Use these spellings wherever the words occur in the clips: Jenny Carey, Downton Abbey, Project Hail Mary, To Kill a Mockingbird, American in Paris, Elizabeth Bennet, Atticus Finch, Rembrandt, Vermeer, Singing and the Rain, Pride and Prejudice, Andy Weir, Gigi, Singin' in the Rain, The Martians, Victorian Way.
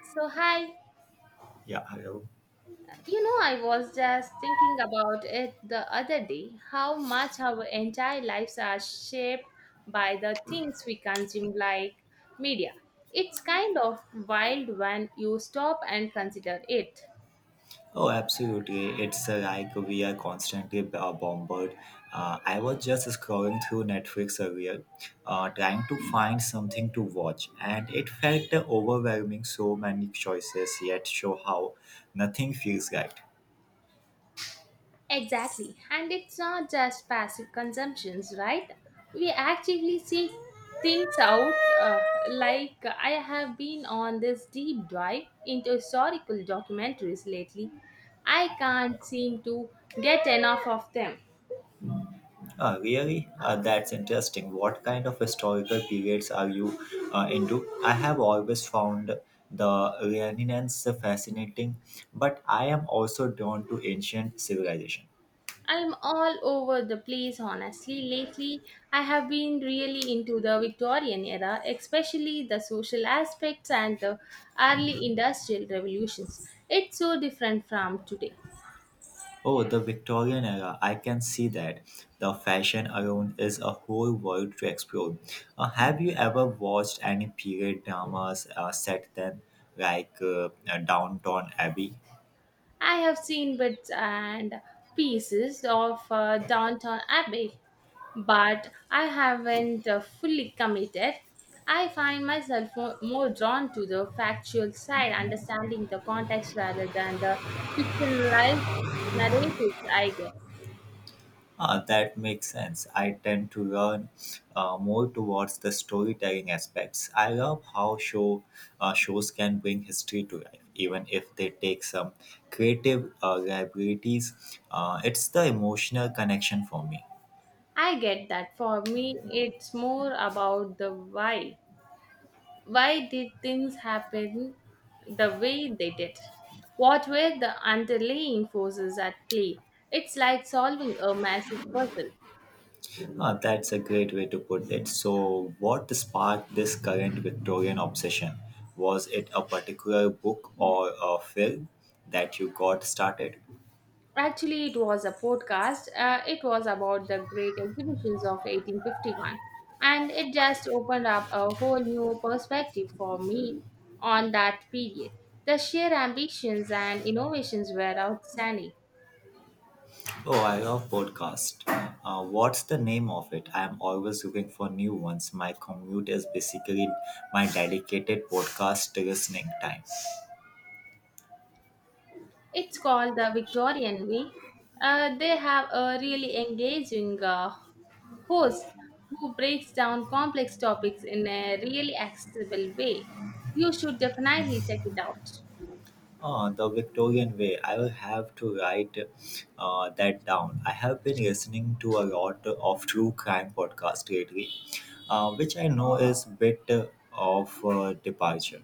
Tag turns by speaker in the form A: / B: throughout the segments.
A: So, hi,
B: Yeah, hello.
A: I was just thinking about it the other day how much our entire lives are shaped by the things we consume, like media. It's kind of wild when you stop and consider it.
B: Oh, absolutely. It's like we are constantly bombarded. I was just scrolling through Netflix earlier, trying to find something to watch, and it felt overwhelming. So many choices, yet show how nothing feels right.
A: Exactly. And it's not just passive consumptions, right? We actively seek things out. Uh, like, I have been on this deep dive into historical documentaries lately. I can't seem to get enough of them.
B: Really? That's interesting. What kind of historical periods are you into? I have always found the Renaissance fascinating, but I am also drawn to ancient civilization.
A: I'm all over the place, honestly. Lately, I have been really into the Victorian era, especially the social aspects and the early industrial revolutions. It's so different from today.
B: Oh, the Victorian era. I can see that. The fashion around is a whole world to explore. Have you ever watched any period dramas set then, like Downton Abbey?
A: I have seen bits and pieces of Downton Abbey, but I haven't fully committed. I find myself more drawn to the factual side, understanding the context rather than the fictionalized narratives, I guess.
B: Ah, that makes sense. I tend to learn more towards the storytelling aspects. I love how shows can bring history to life, even if they take some creative liabilities. It's the emotional connection for me.
A: I get that for me, it's more about the why. Why did things happen the way they did? What were the underlying forces at play? It's like solving a massive puzzle.
B: Ah, that's a great way to put it. So, what sparked this current Victorian obsession? Was it a particular book or a film that you got started?
A: Actually, it was a podcast. It was about the great exhibitions of 1851. And it just opened up a whole new perspective for me on that period. The sheer ambitions and innovations were outstanding.
B: Oh, I love podcast. What's the name of it? I'm always looking for new ones. My commute is basically my dedicated podcast listening time.
A: It's called the Victorian Way. They have a really engaging host who breaks down complex topics in a really accessible way. You should definitely check it out.
B: Ah, the Victorian way. I will have to write that down. I have been listening to a lot of true crime podcast lately, which I know is a bit of departure.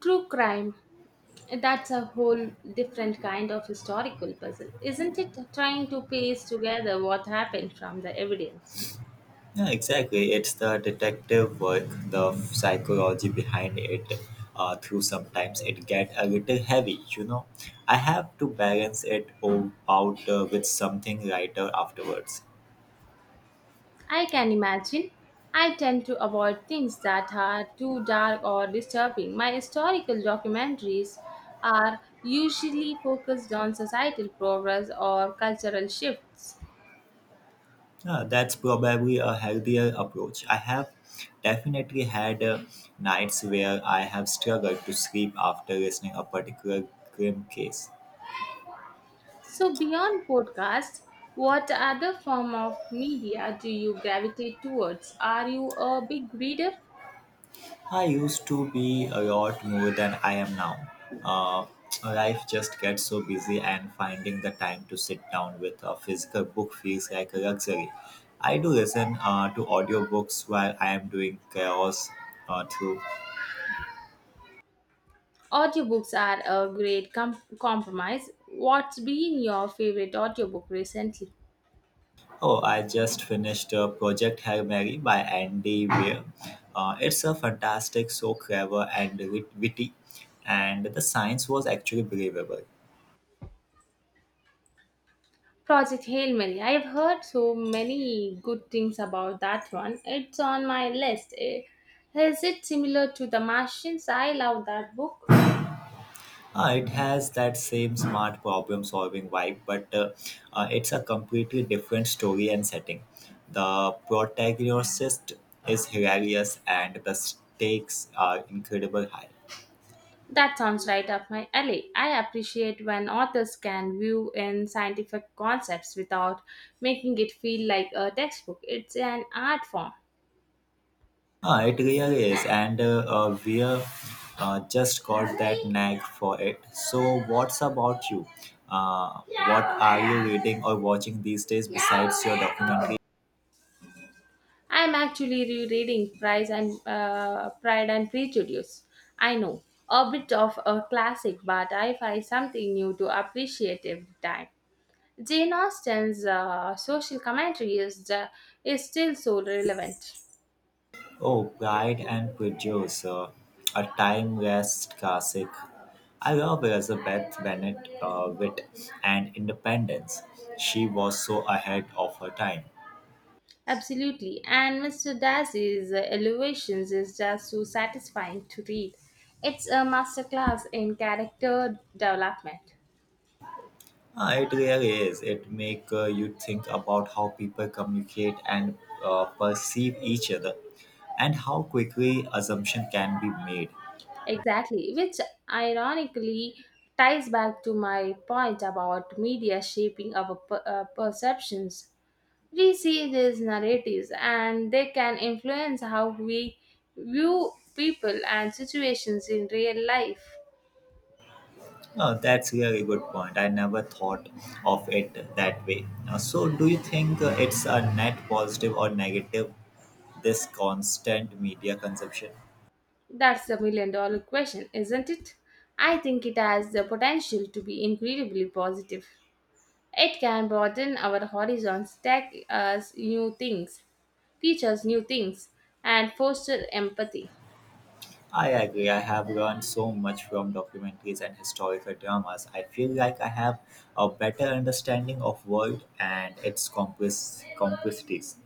A: True crime, that's a whole different kind of historical puzzle, isn't it? Trying to piece together what happened from the evidence.
B: Yeah, exactly. It's the detective work, the psychology behind it. Through sometimes it get a little heavy, you know. I have to balance it out with something lighter afterwards.
A: I can imagine. I tend to avoid things that are too dark or disturbing. My historical documentaries are usually focused on societal progress or cultural shifts.
B: Yeah, that's probably a healthier approach. I have definitely had nights where I have struggled to sleep after listening a particular grim case.
A: So, beyond podcasts, what other form of media do you gravitate towards? Are you a big reader?
B: I used to be a lot more than I am now. Uh, Life just gets so busy, and finding the time to sit down with a physical book feels like a luxury. I do listen to audiobooks while I am doing chores through.
A: Audiobooks are a great compromise. What's been your favorite audiobook recently?
B: Oh, I just finished Project Hail Mary by Andy Weir. It's a fantastic, so clever and witty, and the science was actually believable.
A: Project Hail Mary. I've heard so many good things about that one. It's on my list. Eh, is it similar to The Martians? I love that book.
B: It has that same smart problem solving vibe, but it's a completely different story and setting. The protagonist is hilarious, and the stakes are incredible high.
A: That sounds right up my alley. I appreciate when authors can view in scientific concepts without making it feel like a textbook. It's an art form.
B: Ah, it really is, and we just got that nag for it. So, what's about you? Uh, what are you reading or watching these days besides your documentary?
A: I'm actually rereading Pride and Prejudice. I know a bit of a classic, but I find something new to appreciate every time. Jane Austen's social commentary is still so relevant.
B: Oh, Pride and Prejudice, a timeless classic. I love Elizabeth Bennet wit and independence. She was so ahead of her time.
A: Absolutely. And Mr. Darcy's elevations is just so satisfying to read. It's a masterclass in character development.
B: Ah, it really is. It make you think about how people communicate and perceive each other, and how quickly assumption can be made.
A: Exactly, which ironically ties back to my point about media shaping our perceptions. We see these narratives and they can influence how we view people and situations in real life.
B: Oh, that's really good point. I never thought of it that way. So, do you think it's a net positive or negative? This constant media consumption.
A: That's the million dollar question, isn't it? I think it has the potential to be incredibly positive. It can broaden our horizons, tech us new things, teach us new things, and foster empathy.
B: I agree. I have learned so much from documentaries and historical dramas. I feel like I have a better understanding of world and its complexities.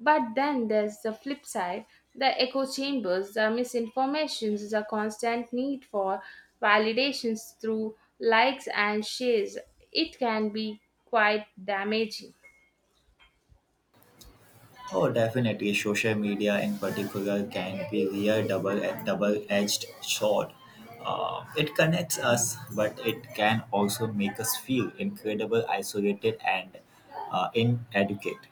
A: But then there's the flip side, the echo chambers, the misinformations, the constant need for validations through likes and shares. It can be quite damaging.
B: Oh, definitely. Social media, in particular, can be real double-edged sword. It connects us, but it can also make us feel incredible, isolated, and inadequate.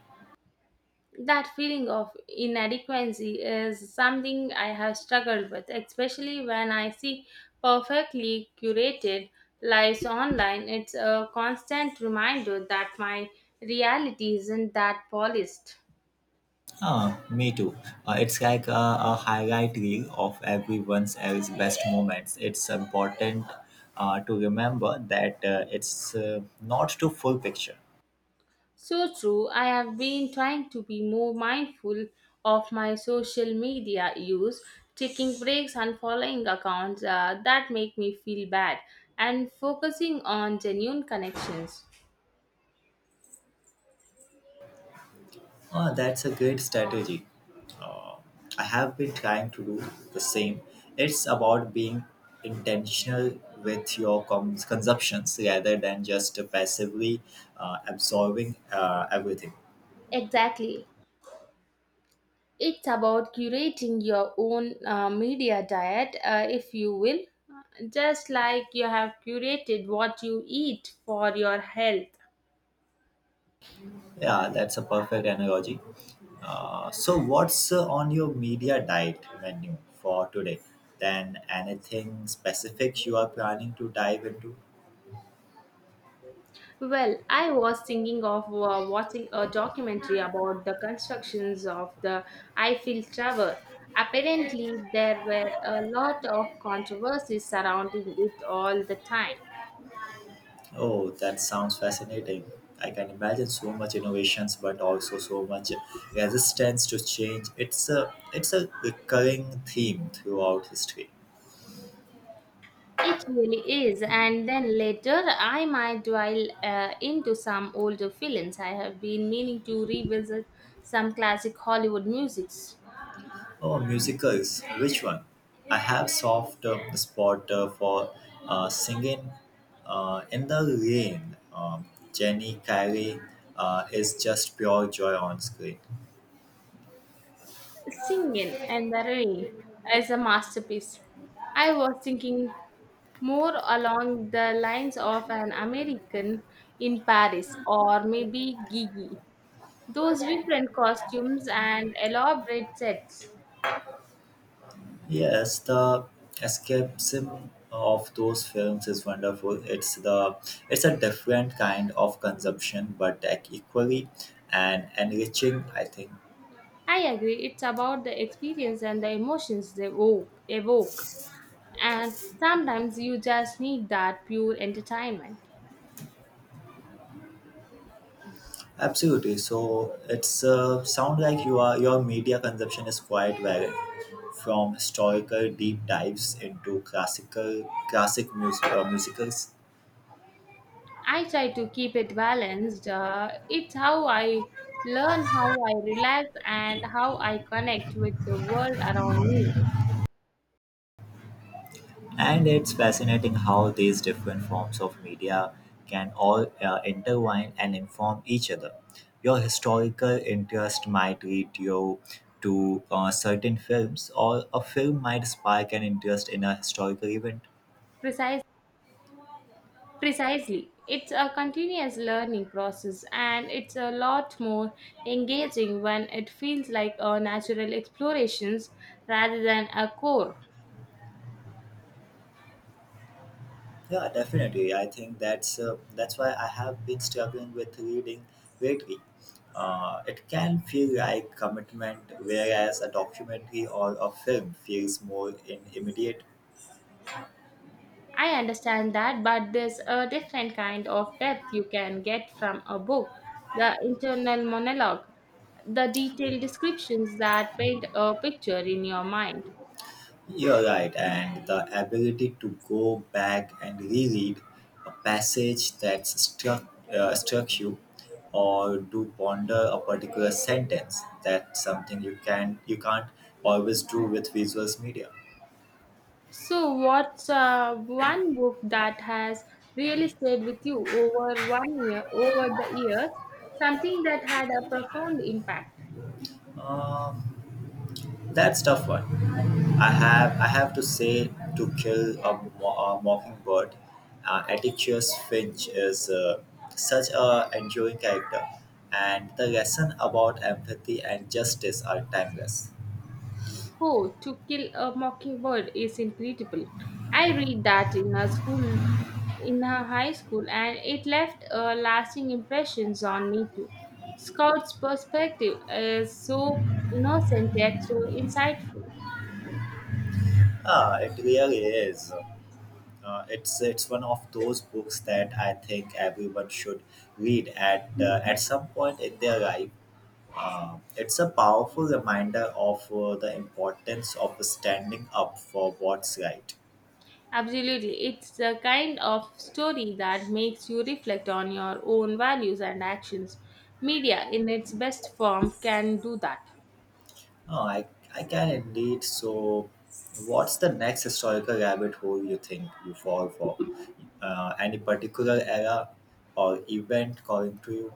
A: That feeling of inadequacy is something I have struggled with, especially when I see perfectly curated lives online. It's a constant reminder that my reality isn't that polished.
B: Ah, me too. It's like a highlight reel of everyone else's best moments. It's important to remember that it's not the full picture.
A: So true. I have been trying to be more mindful of my social media use, taking breaks and following accounts that make me feel bad, and focusing on genuine connections.
B: That's a great strategy. I have been trying to do the same. It's about being intentional with your consumptions rather than just passively absorbing everything.
A: Exactly. It's about curating your own media diet, if you will, just like you have curated what you eat for your health.
B: Yeah, that's a perfect analogy. So, what's on your media diet menu for today? Then, anything specific you are planning to dive into?
A: Well, I was thinking of watching a documentary about the constructions of the Eiffel Tower. Apparently, there were a lot of controversies surrounding it all the time.
B: Oh, that sounds fascinating. I can imagine so much innovations, but also so much resistance to change. It's a recurring theme throughout history.
A: It really is. And then later, I might dwell into some older films. I have been meaning to revisit some classic Hollywood musics.
B: Oh, musicals. Which one? I have soft spot for singing in the rain. Jenny Carey is just pure joy on screen.
A: Singing and the Rain is a masterpiece. I was thinking more along the lines of an American in Paris or maybe Gigi. Those vibrant costumes and elaborate sets.
B: Yes, the escapism of those films is wonderful. It's a different kind of consumption, but equally and enriching, I think.
A: I agree, it's about the experience and the emotions evoke. And sometimes you just need that pure entertainment.
B: Absolutely. So it's sound like your media consumption is quite varied, from historical deep dives into classic musicals,
A: I try to keep it balanced. It's how I learn, how I relax, and how I connect with the world around me.
B: and it's fascinating how these different forms of media can all intertwine and inform each other. Your historical interest might lead you to certain films, or a film might spark an interest in a historical event.
A: Precise, precisely. It's a continuous learning process, and it's a lot more engaging when it feels like a natural explorations rather than a core.
B: Yeah, definitely. I think that's why I have been struggling with reading lately. It can feel like commitment, whereas a documentary or a film feels more in immediate.
A: I understand that, but there's a different kind of depth you can get from a book. The internal monologue, the detailed descriptions that paint a picture in your mind.
B: You're right, and the ability to go back and reread a passage that struck you, or to ponder a particular sentence. That's something you can't always do with visuals media.
A: So, what's one book that has really stayed with you over the years? Something that had a profound impact.
B: Um, That's tough one. I have to say to kill a mockingbird. Atticus Finch is such a enduring character, and the lesson about empathy and justice are timeless.
A: Oh, To Kill a Mockingbird is incredible. I read that in a high school, and it left lasting impressions on me too. Scott's perspective is so innocent yet so insightful.
B: Ah, it really is. It's one of those books that I think everyone should read at some point in their life. It's a powerful reminder of the importance of standing up for what's right.
A: Absolutely, it's the kind of story that makes you reflect on your own values and actions. Media, in its best form, can do that.
B: Oh, I can indeed. So, what's the next historical rabbit hole you think you fall for? Any particular era or event calling to you?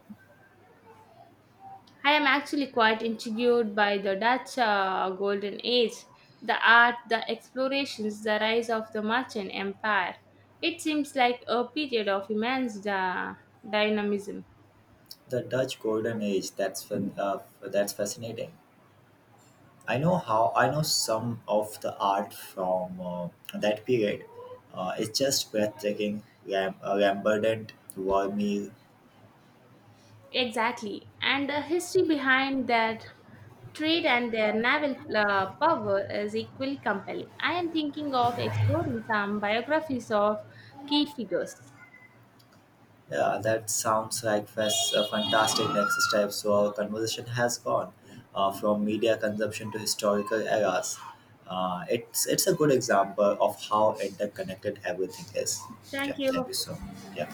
A: I am actually quite intrigued by the Dutch Golden Age, the art, the explorations, the rise of the merchant empire. It seems like a period of immense dynamism.
B: The Dutch Golden Age. That's that's fascinating. I know some of the art from that period. It's just breathtaking. Rembrandt, Vermeer.
A: Exactly, and the history behind that trade and their naval power is equally compelling. I am thinking of exploring some biographies of key figures.
B: Yeah, that sounds like a fantastic next step. So our conversation has gone from media consumption to historical eras. It's a good example of how interconnected everything is. Yeah,
A: Thank
B: thank
A: you.
B: you so much. Yeah.